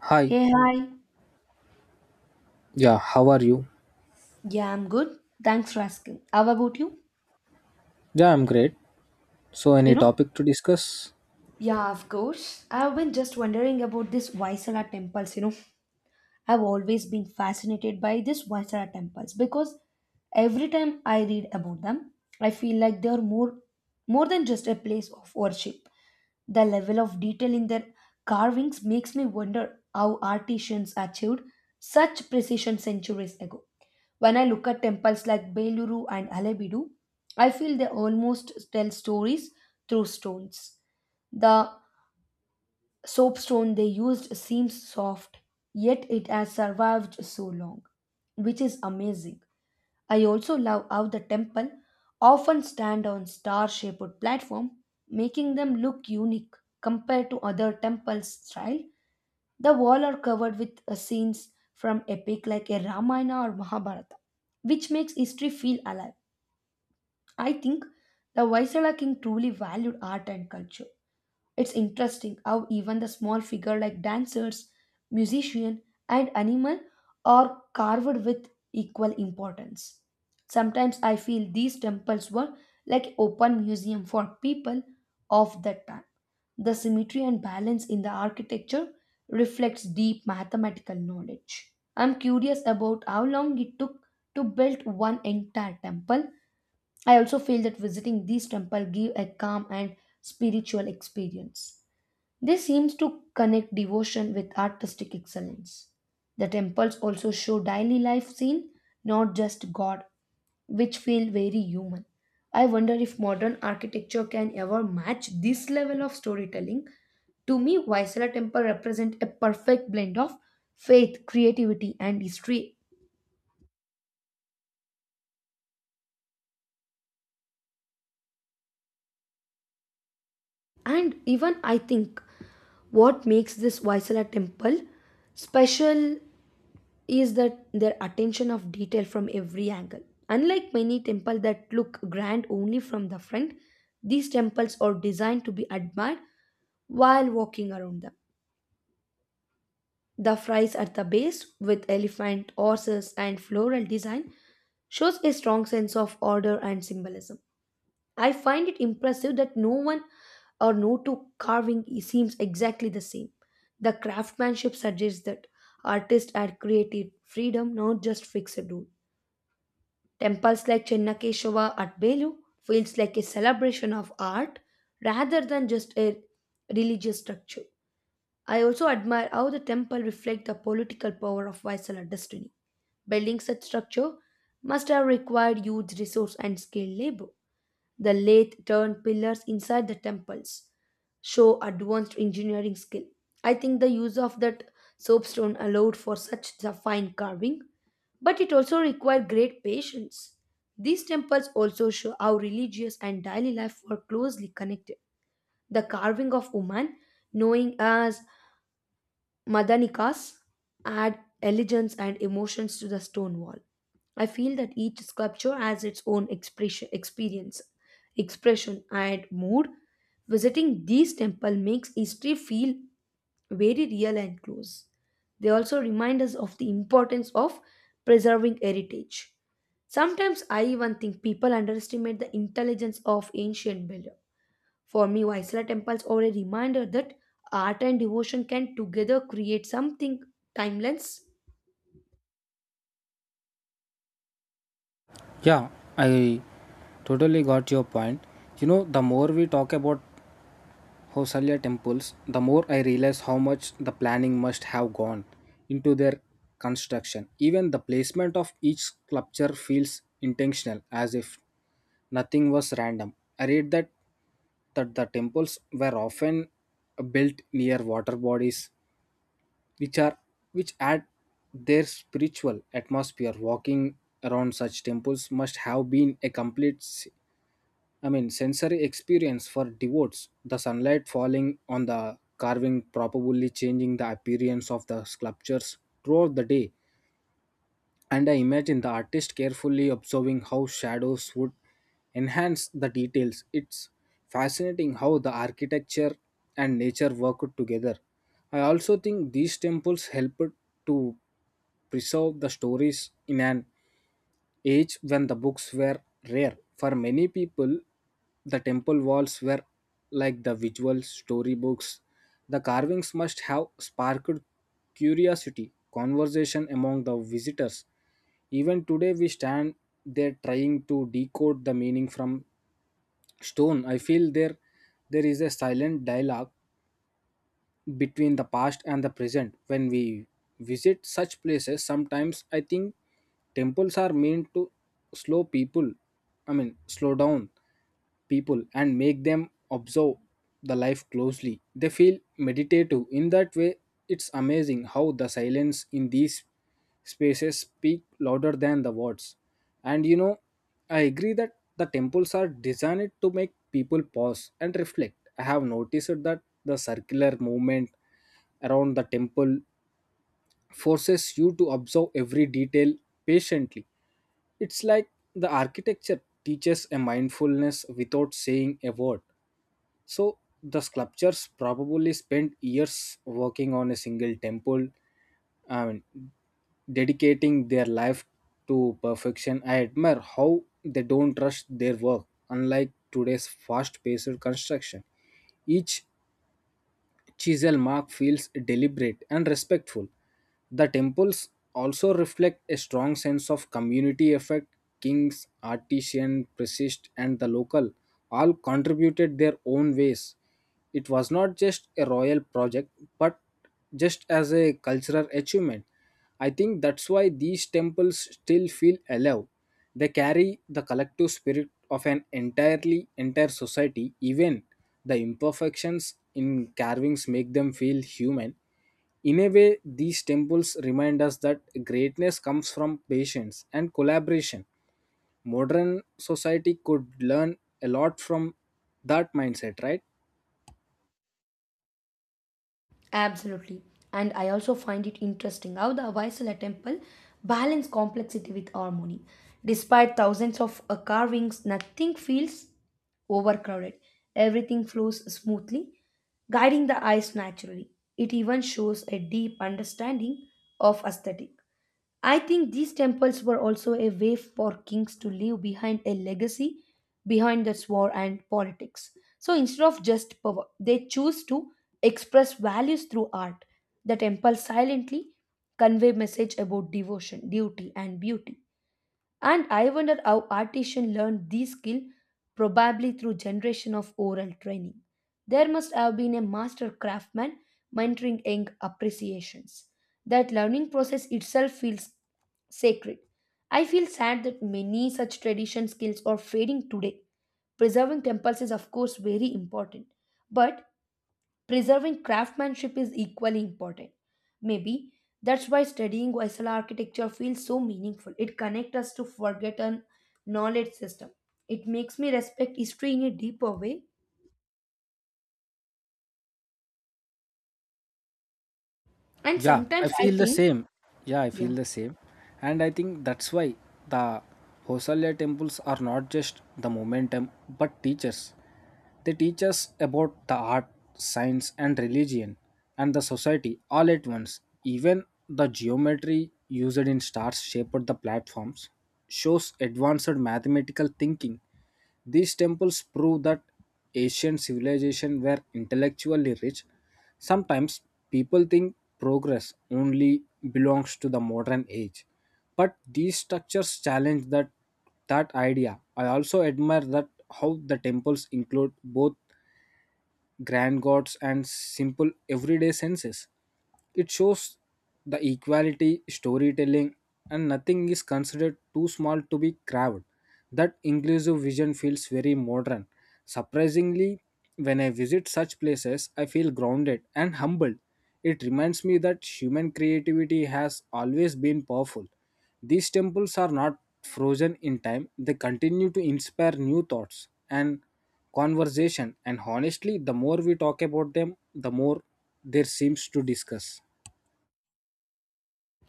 Hi, Hey, hi. yeah, how are you? Yeah, I'm good. Thanks for asking. How about you? Yeah, I'm great. So, You any know? topic to discuss? Yeah, of course. I've been just wondering about this Vaisala temples, you know. I've always been fascinated by these Vaisala temples because every time I read about them, I feel like they are more than just a place of worship. The level of detail in their carvings makes me wonder how artisans achieved such precision centuries ago. When I look at temples like Beluru and Alebidu, I feel they almost tell stories through stones. The soapstone they used seems soft, yet it has survived so long, which is amazing. I also love how the temple often stand on star-shaped platform, making them look unique compared to other temples' style. The walls are covered with scenes from epic like a Ramayana or Mahabharata, which makes history feel alive. I think the Vaisala king truly valued art and culture. It's interesting how even the small figure like dancers, musician, and animal are carved with equal importance. Sometimes I feel these temples were like open museum for people of that time. The symmetry and balance in the architecture reflects deep mathematical knowledge. I'm curious about how long it took to build one entire temple. I also feel that visiting these temples give a calm and spiritual experience. They seems to connect devotion with artistic excellence. The temples also show daily life scene, not just God, which feel very human. I wonder if modern architecture can ever match this level of storytelling. To me, Vaisala temple represent a perfect blend of faith, creativity, and history. And even I think what makes this Vaisala temple special is that their attention of detail from every angle. Unlike many temples that look grand only from the front, these temples are designed to be admired while walking around them. The frieze at the base, with elephant, horses, and floral design, shows a strong sense of order and symbolism. I find it impressive that no one or no two carving seems exactly the same. The craftsmanship suggests that artists had created freedom, not just fixed rule. Temples like Chennakeshava at Belu feels like a celebration of art rather than just a religious structure. I also admire how the temple reflect the political power of Vaisala destiny. Building such structure must have required huge resource and skilled labor. The lathe turned pillars inside the temples show advanced engineering skill. I think the use of that soapstone allowed for such a fine carving, but it also required great patience. These temples also show how religious and daily life were closely connected. The carving of woman, knowing as Madanikas add elegance and emotions to the stone wall. I feel that each sculpture has its own expression, experience, expression, and mood. Visiting these temples makes history feel very real and close. They also remind us of the importance of preserving heritage. Sometimes I even think people underestimate the intelligence of ancient builders. For me, Vaisala temples are a reminder that art and devotion can together create something timeless. Yeah, I totally got your point. You know, the more we talk about Hosalia temples, the more I realize how much the planning must have gone into their construction. Even the placement of each sculpture feels intentional, as if nothing was random. I read that the temples were often built near water bodies which are which add their spiritual atmosphere. Walking around such temples must have been a complete sensory experience for devotees. The sunlight falling on the carving probably changing the appearance of the sculptures throughout the day, and I imagine the artist carefully observing how shadows would enhance the details. It's fascinating how the architecture and nature work together. I also think these temples help to preserve the stories in an age when the books were rare. For many people, the temple walls were like the visual storybooks. The carvings must have sparked curiosity, conversation among the visitors. Even today, we stand there trying to decode the meaning from stone. I feel there is a silent dialogue between the past and the present when we visit such places. Sometimes I think temples are meant to slow people slow down people and make them observe the life closely. They feel meditative in that way. It's amazing how the silence in these spaces speak louder than the words. And you know, I agree that the temples are designed to make people pause and reflect. I have noticed that the circular movement around the temple forces you to observe every detail patiently. It's like the architecture teaches a mindfulness without saying a word. So the sculptors probably spent years working on a single temple, and dedicating their life to perfection. I admire how they don't rush their work, unlike today's fast-paced construction. Each chisel mark feels deliberate and respectful. The temples also reflect a strong sense of community effort. Kings, artisan, priest, and the local all contributed their own ways. It was not just a royal project, but just as a cultural achievement. I think that's why these temples still feel alive. They carry the collective spirit of an entire society. Even the imperfections in carvings make them feel human. In a way, these temples remind us that greatness comes from patience and collaboration. Modern society could learn a lot from that mindset, right? Absolutely. And I also find it interesting how the Vaisala temple balance complexity with harmony. Despite thousands of carvings, nothing feels overcrowded. Everything flows smoothly, guiding the eyes naturally. It even shows a deep understanding of aesthetic. I think these temples were also a way for kings to leave behind a legacy behind this war and politics. So instead of just power, they choose to express values through art. The temples silently convey message about devotion, duty, and beauty. And I wonder how artisans learned these skills, probably through generation of oral training. There must have been a master craftsman mentoring young appreciations. That learning process itself feels sacred. I feel sad that many such tradition skills are fading today. Preserving temples is, of course, very important, but preserving craftsmanship is equally important. Maybe that's why studying Hoysala architecture feels so meaningful. It connects us to forgotten knowledge system. It makes me respect history in a deeper way. And Yeah, I sometimes I feel the think, same. Yeah, I yeah. feel the same. And I think that's why the Hosalya temples are not just the momentum but teachers. They teach us about the art, science, and religion and the society all at once. Even the geometry used in stars shaped the platforms shows advanced mathematical thinking. These temples prove that ancient civilizations were intellectually rich. Sometimes people think progress only belongs to the modern age, but these structures challenge that idea. I also admire that how the temples include both grand gods and simple everyday senses. It shows the equality, storytelling, and nothing is considered too small to be craved. That inclusive vision feels very modern. Surprisingly, when I visit such places, I feel grounded and humbled. It reminds me that human creativity has always been powerful. These temples are not frozen in time, they continue to inspire new thoughts and conversation. And honestly, the more we talk about them, the more there seems to discuss.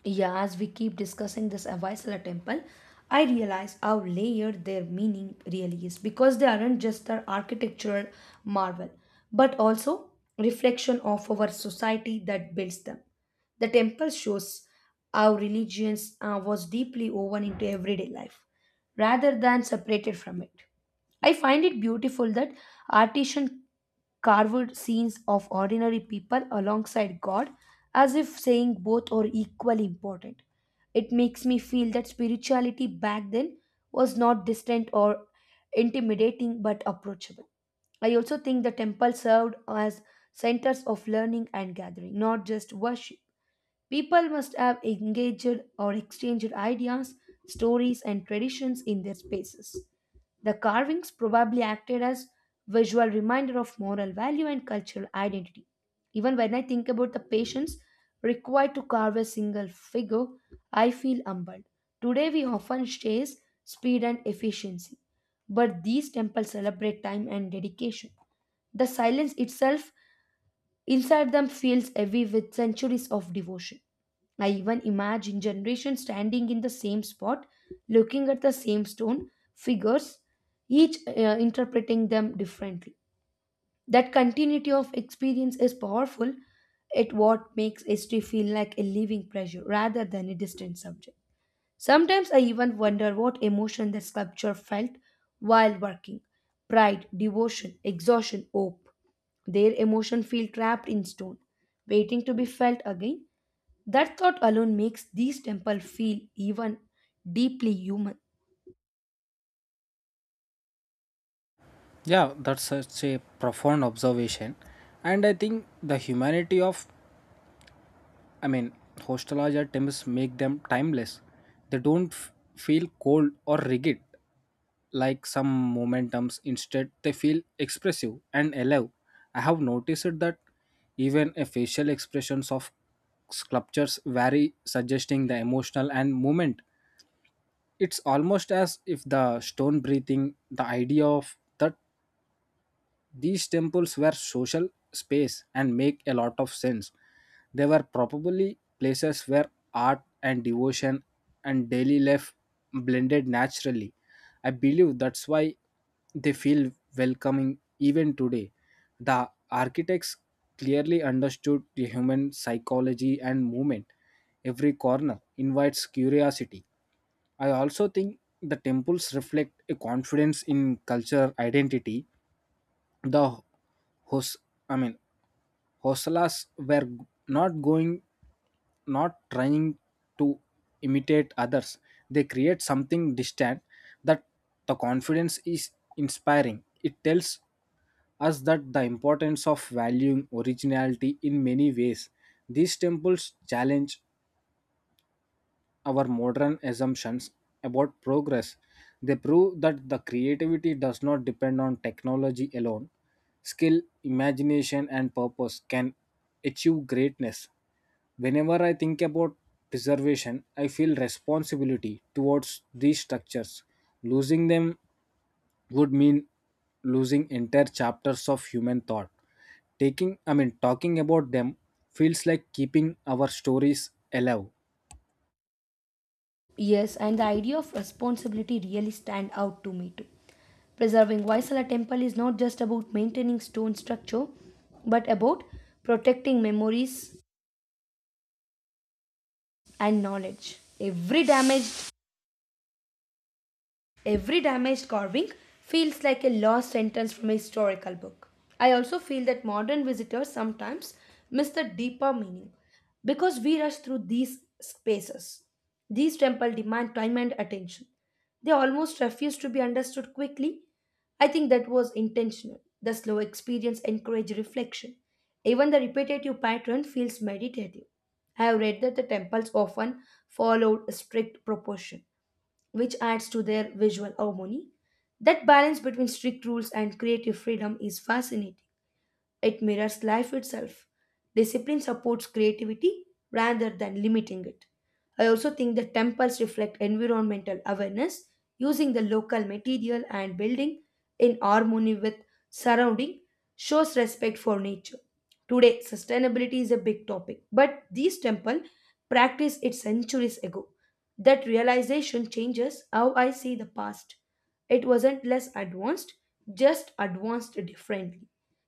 Yeah, as we keep discussing this Avaisala temple, I realize how layered their meaning really is because they aren't just their architectural marvel, but also reflection of our society that builds them. The temple shows how religion was deeply woven into everyday life rather than separated from it. I find it beautiful that artisan carved scenes of ordinary people alongside God as if saying both are equally important. It makes me feel that spirituality back then was not distant or intimidating but approachable. I also think the temple served as centers of learning and gathering, not just worship. People must have engaged or exchanged ideas, stories, and traditions in their spaces. The carvings probably acted as visual reminder of moral value and cultural identity. Even when I think about the patience required to carve a single figure, I feel humbled. Today we often chase speed and efficiency, but these temples celebrate time and dedication. The silence itself inside them feels heavy with centuries of devotion. I even imagine generations standing in the same spot, looking at the same stone figures, each interpreting them differently. That continuity of experience is powerful. It what makes history feel like a living treasure rather than a distant subject. Sometimes I even wonder what emotion the sculpture felt while working pride, devotion, exhaustion, hope. Their emotion feel trapped in stone, waiting to be felt again. That thought alone makes these temples feel even deeply human. Yeah, that's such a profound observation. And I think the humanity of I mean, nostalgia attempts make them timeless. They don't feel cold or rigid like some momentums. Instead, they feel expressive and alive. I have noticed that even a facial expressions of sculptures vary, suggesting the emotional and movement. It's almost as if the stone breathing, the idea of that these temples were social space and make a lot of sense. They were probably places where art and devotion and daily life blended naturally. I believe that's why they feel welcoming even today. The architects clearly understood the human psychology and movement. Every corner invites curiosity. I also think the temples reflect a confidence in culture identity. The hos i mean hosalas were not going not trying to imitate others. They create something distant. That the confidence is inspiring. It tells us that the importance of valuing originality. In many ways these temples challenge our modern assumptions about progress. They prove that the creativity does not depend on technology alone. Skill, imagination, and purpose can achieve greatness. Whenever I think about preservation, I feel responsibility towards these structures. Losing them would mean losing entire chapters of human thought. Talking about them feels like keeping our stories alive. Yes, and the idea of responsibility really stand out to me too. Preserving Vaisala temple is not just about maintaining stone structure, but about protecting memories and knowledge. Every damaged carving feels like a lost sentence from a historical book. I also feel that modern visitors sometimes miss the deeper meaning because we rush through these spaces. These temples demand time and attention. They almost refuse to be understood quickly. I think that was intentional. The slow experience encouraged reflection. Even the repetitive pattern feels meditative. I have read that the temples often followed strict proportion which adds to their visual harmony. That balance between strict rules and creative freedom is fascinating. It mirrors life itself. Discipline supports creativity rather than limiting it. I also think the temples reflect environmental awareness, using the local material and building in harmony with surrounding shows respect for nature. Today, sustainability is a big topic, but these temples practiced it centuries ago. That realization changes how I see the past. It wasn't less advanced, just advanced differently.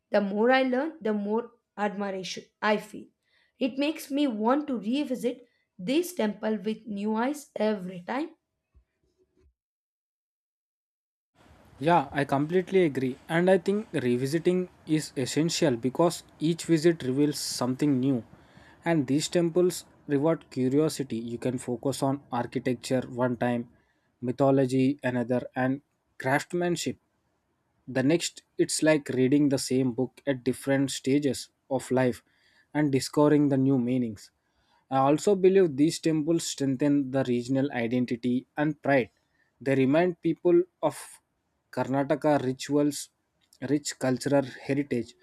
The more I learn, the more admiration I feel. It makes me want to revisit this temple with new eyes every time. Yeah, I completely agree. And I think revisiting is essential because each visit reveals something new. And these temples reward curiosity. You can focus on architecture one time, mythology another, and craftsmanship. The next, it's like reading the same book at different stages of life and discovering the new meanings. I also believe these temples strengthen the regional identity and pride. They remind people of Karnataka rituals, rich cultural heritage.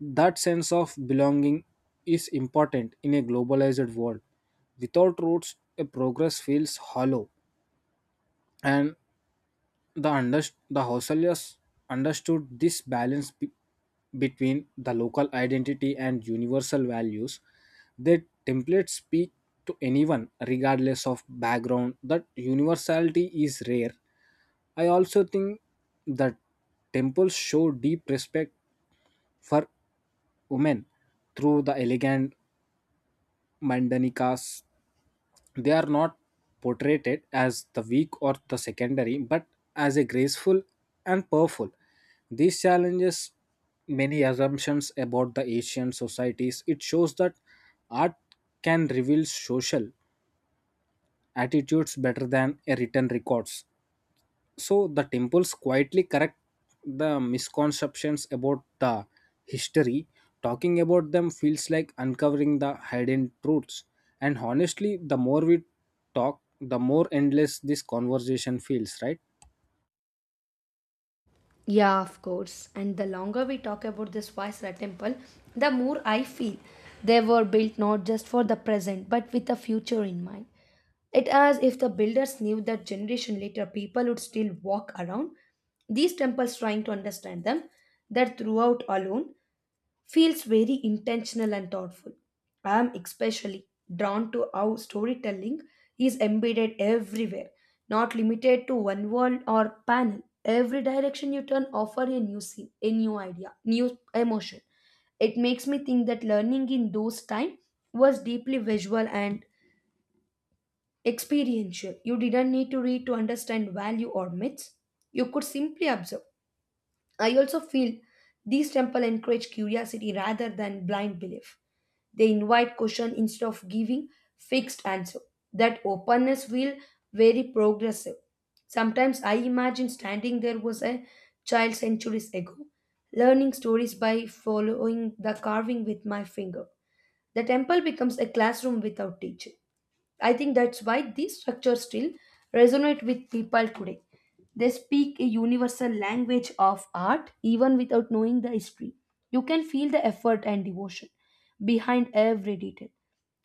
That sense of belonging is important in a globalized world. Without roots, a progress feels hollow. And the Hausalyas understood this balance between the local identity and universal values. Their templates speak to anyone, regardless of background. That universality is rare. I also think that temples show deep respect for women through the elegant Mandanikas. They are not portrayed as the weak or the secondary, but as a graceful and powerful. These challenges many assumptions about the Asian societies. It shows that art can reveal social attitudes better than a written records. So the temples quietly correct the misconceptions about the history. Talking about them feels like uncovering the hidden truths. And honestly, the more we talk, the more endless this conversation feels, right? Yeah, of course. And the longer we talk about this Vaisra temple, the more I feel they were built not just for the present but with the future in mind. It as if the builders knew that generation later people would still walk around these temples trying to understand them that throughout alone feels very intentional and thoughtful. I am especially drawn to how storytelling is embedded everywhere, not limited to one world or panel. Every direction you turn offer a new scene, a new idea, new emotion. It makes me think that learning in those time was deeply visual and experiential. You didn't need to read to understand value or myths. You could simply observe. I also feel these temples encourage curiosity rather than blind belief. They invite question instead of giving fixed answer. That openness feel very progressive. Sometimes I imagine standing there was a child centuries ago, learning stories by following the carving with my finger. The temple becomes a classroom without teacher. I think that's why these structures still resonate with people today. They speak a universal language of art even without knowing the history. You can feel the effort and devotion behind every detail.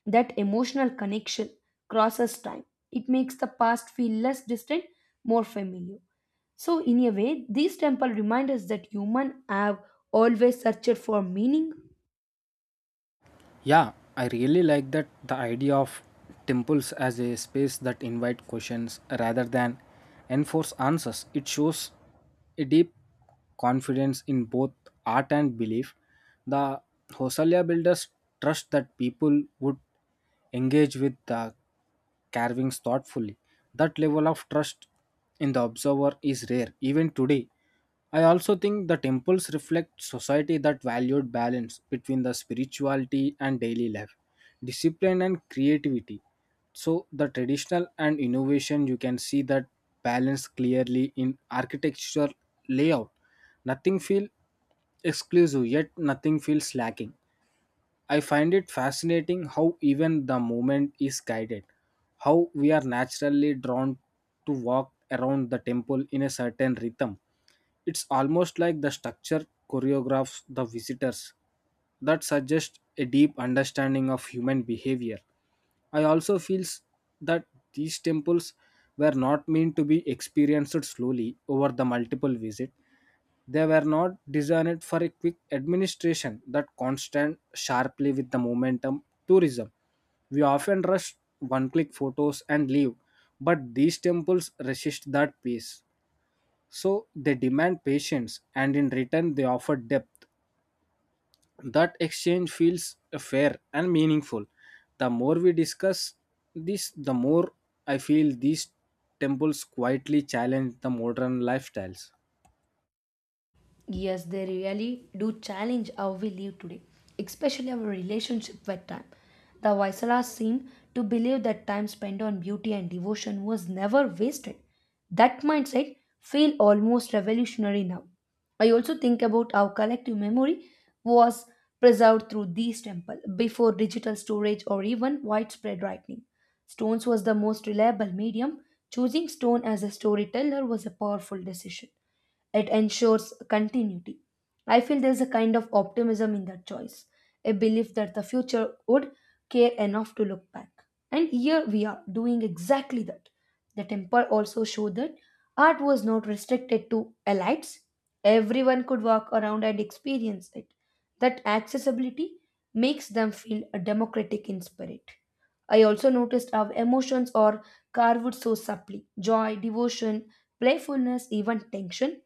That emotional connection crosses time. It makes the past feel less distant, more familiar. So, in a way, these temples remind us that humans have always searched for meaning. Yeah, I really like that the idea of temples as a space that invite questions rather than enforce answers. It shows a deep confidence in both art and belief. The Hosalia builders trust that people would engage with the carvings thoughtfully. That level of trust in the observer is rare even today. I also think the temples reflect society that valued balance between the spirituality and daily life, discipline and creativity. So the traditional and innovation, you can see that balance clearly in architectural layout. Nothing feel exclusive, yet nothing feels lacking. I find it fascinating how even the movement is guided, how we are naturally drawn to walk around the temple in a certain rhythm. It's almost like the structure choreographs the visitors. That suggests a deep understanding of human behavior. I also feel that these temples were not meant to be experienced slowly over the multiple visit. They were not designed for a quick administration that constant sharply with the momentum tourism. We often rush one click photos and leave, but these temples resist that pace. So they demand patience, and in return, they offer depth. That exchange feels fair and meaningful. The more we discuss this, the more I feel these temples quietly challenge the modern lifestyles. Yes, they really do challenge how we live today, especially our relationship with time. The Vaisalas seem to believe that time spent on beauty and devotion was never wasted. That mindset feels almost revolutionary now. I also think about how collective memory was preserved through these temples before digital storage or even widespread writing. Stones was the most reliable medium. Choosing stone as a storyteller was a powerful decision. It ensures continuity. I feel there's a kind of optimism in that choice, a belief that the future would care enough to look back. And here we are doing exactly that. The temple also showed that art was not restricted to elites, everyone could walk around and experience it. That accessibility makes them feel democratic in spirit. I also noticed how emotions are carved so subtly joy, devotion, playfulness, even tension.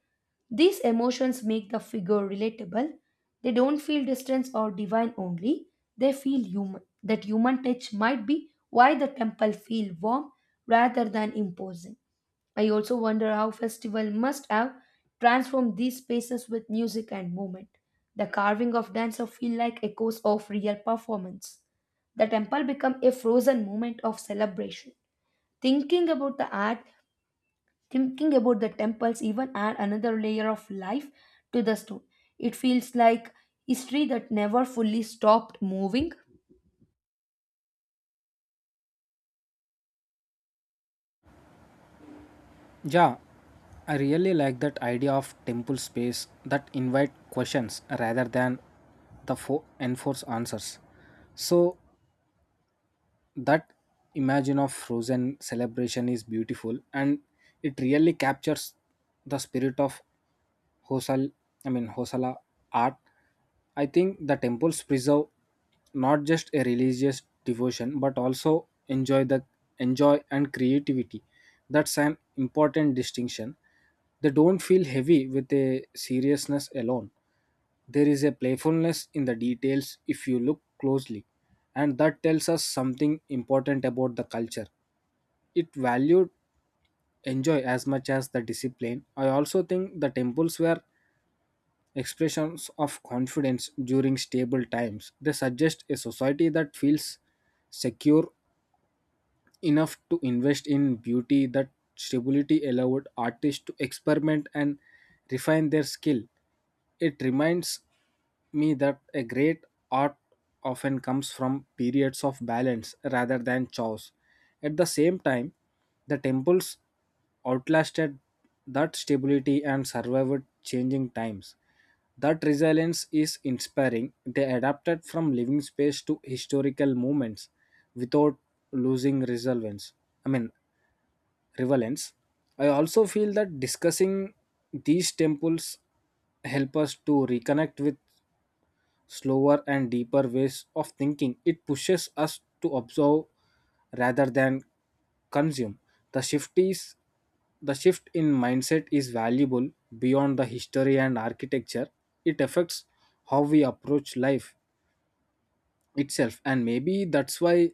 These emotions make the figure relatable. They don't feel distance or divine only, they feel human. That human touch might be why the temple feel warm rather than imposing. I also wonder how festival must have transformed these spaces with music and movement. The carving of dancer feel like echoes of real performance. The temple become a frozen moment of celebration. Thinking about the art Thinking about the temples even add another layer of life to the stone. It feels like history that never fully stopped moving. Yeah, I really like that idea of temple space that invite questions rather than enforce answers. So that imagine of frozen celebration is beautiful, and it really captures the spirit of Hosal Hosala art. I think the temples preserve not just a religious devotion but also enjoy and creativity. That's an important distinction. They don't feel heavy with a seriousness alone. There is a playfulness in the details if you look closely, and that tells us something important about the culture. It valued enjoy as much as the discipline. I also think the temples were expressions of confidence during stable times. They suggest a society that feels secure enough to invest in beauty, that stability allowed artists to experiment and refine their skill. It reminds me that a great art often comes from periods of balance rather than chaos. At the same time, the temples outlasted that stability and survived changing times. That resilience is inspiring. They adapted from living space to historical moments without losing relevance. I mean, relevance. I also feel that discussing these temples help us to reconnect with slower and deeper ways of thinking. It pushes us to observe rather than consume. The shift is the shift in mindset is valuable beyond the history and architecture. It affects how we approach life itself, and maybe that's why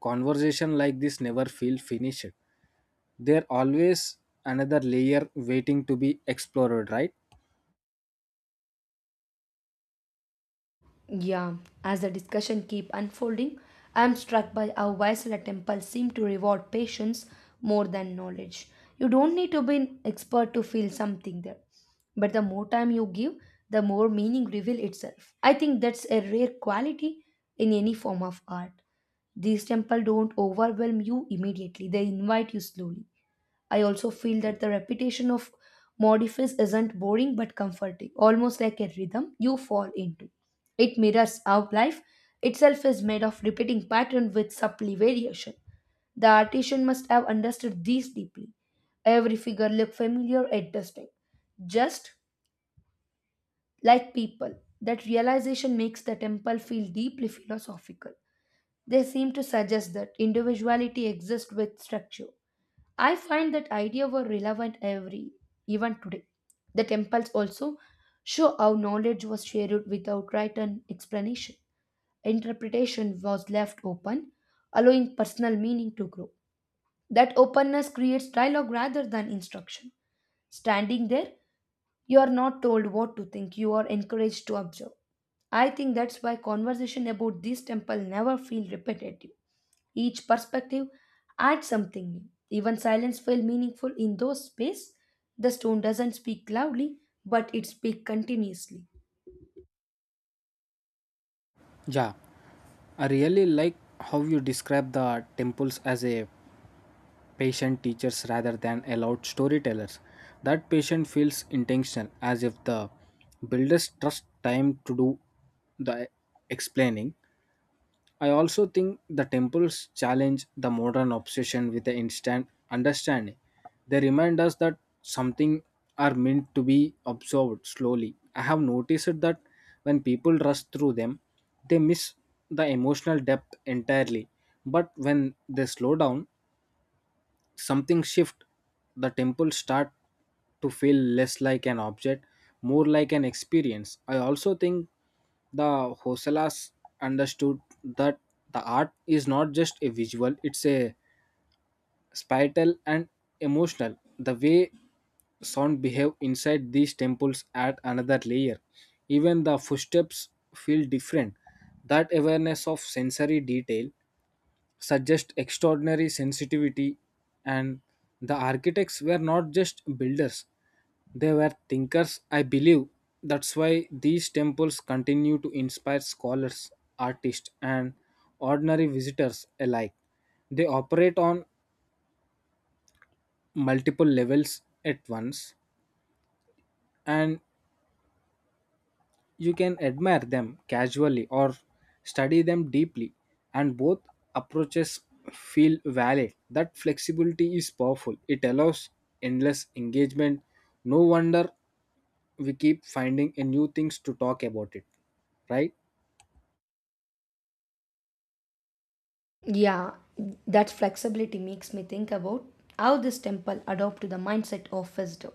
conversation like this never feel finished. There always another layer waiting to be explored, right? Yeah, as the discussion keep unfolding, I am struck by how Vaisala temple seem to reward patience more than knowledge. You don't need to be an expert to feel something there. But the more time you give, the more meaning reveal itself. I think that's a rare quality in any form of art. These temples don't overwhelm you immediately, they invite you slowly. I also feel that the repetition of modifies isn't boring but comforting, almost like a rhythm you fall into. It mirrors how life itself is made of repeating pattern with subtle variation. The artisan must have understood these deeply. Every figure looked familiar at distinct, just like people. That realization makes the temple feel deeply philosophical. They seem to suggest that individuality exists with structure. I find that idea were relevant every even today. The temples also show how knowledge was shared without written explanation. Interpretation was left open, allowing personal meaning to grow. That openness creates dialogue rather than instruction. Standing there, you are not told what to think, you are encouraged to observe. I think that's why conversation about this temple never feel repetitive. Each perspective adds something new. Even silence feel meaningful in those space. The stone doesn't speak loudly, but it speaks continuously. Yeah, I really like how you describe the temples as a patient teachers rather than allowed storytellers. That patient feels intentional, as if the builders trust time to do the explaining. I also think the temples challenge the modern obsession with the instant understanding. They remind us that something are meant to be absorbed slowly. I have noticed that when people rush through them, they miss the emotional depth entirely. But when they slow down, something shift. The temple start to feel less like an object, more like an experience. I also think the hosalas understood that the art is not just a visual, it's a spiritual and emotional. The way sound behave inside these temples add another layer. Even the footsteps feel different. That awareness of sensory detail suggest extraordinary sensitivity. And the architects were not just builders, they were thinkers. I believe that's why these temples continue to inspire scholars, artists, and ordinary visitors alike. They operate on multiple levels at once. And you can admire them casually or study them deeply, and both approaches feel valid. That flexibility is powerful, it allows endless engagement. No wonder we keep finding a new things to talk about it, right? Yeah, that flexibility makes me think about how this temple adopted the mindset of visitor.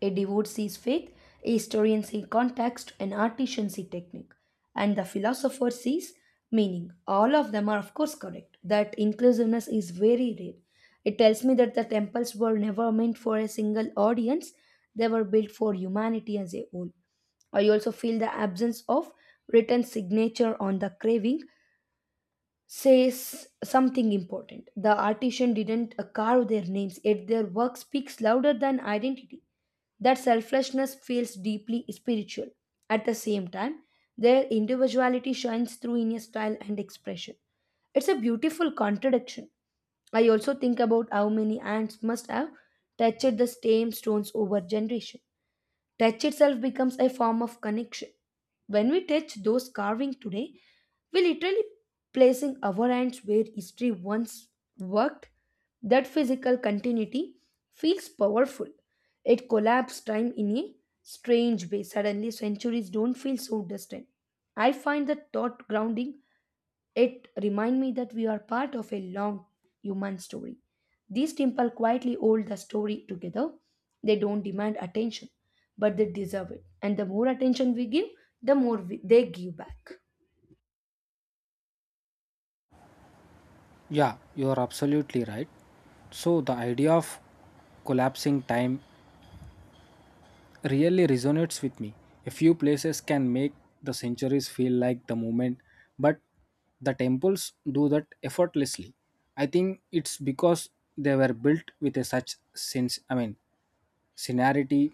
A devote sees faith, a historian sees context, an artisan sees technique, and the philosopher sees meaning. All of them are, of course, correct. That inclusiveness is very rare. It tells me that the temples were never meant for a single audience, they were built for humanity as a whole. I also feel the absence of written signature on the craving says something important. The artisan didn't carve their names, yet their work speaks louder than identity. That selflessness feels deeply spiritual. At the same time, their individuality shines through in a style and expression. It's a beautiful contradiction. I also think about how many ants must have touched the same stones over generation. Touch itself becomes a form of connection. When we touch those carving today, we literally placing our hands where history once worked. That physical continuity feels powerful. It collapses time in a strange way. Suddenly, centuries don't feel so distant. I find the thought grounding it reminds me that we are part of a long human story. These temple quietly hold the story together. They don't demand attention, but they deserve it. And the more attention we give, the more we, they give back. Yeah, you are absolutely right. So, the idea of collapsing time really resonates with me. A few places can make the centuries feel like the moment, but the temples do that effortlessly. I think it's because they were built with a such sense I mean sincerity.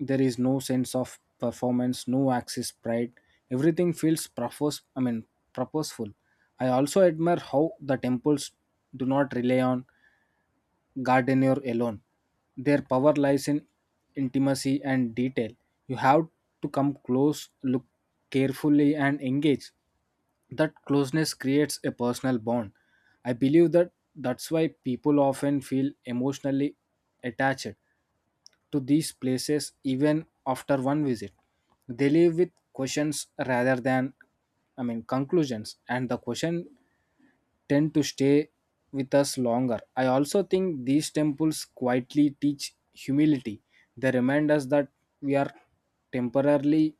There is no sense of performance, no axis pride. Everything feels purposeful. I also admire how the temples do not rely on gardener alone. Their power lies in intimacy and detail. You have to come close, look carefully, and engage. That closeness creates a personal bond. I believe that's why people often feel emotionally attached to these places even after one visit. They leave with questions rather than, I mean, conclusions, and the question tend to stay with us longer. I also think these temples quietly teach humility. They remind us that we are temporarily,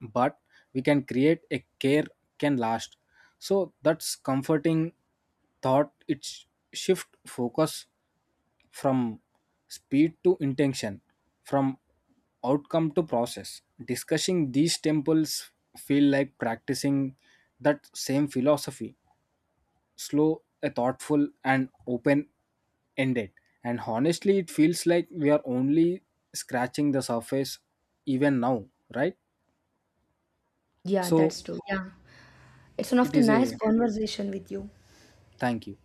but we can create a care can last. So that's comforting thought. It shift focus from speed to intention, from outcome to process. Discussing these temples feel like practicing that same philosophy, slow, a thoughtful, and open ended. And honestly, it feels like we are only scratching the surface even now, right? Yeah, So that's true. Yeah. It's one of it the is nice a conversation with you. thank you.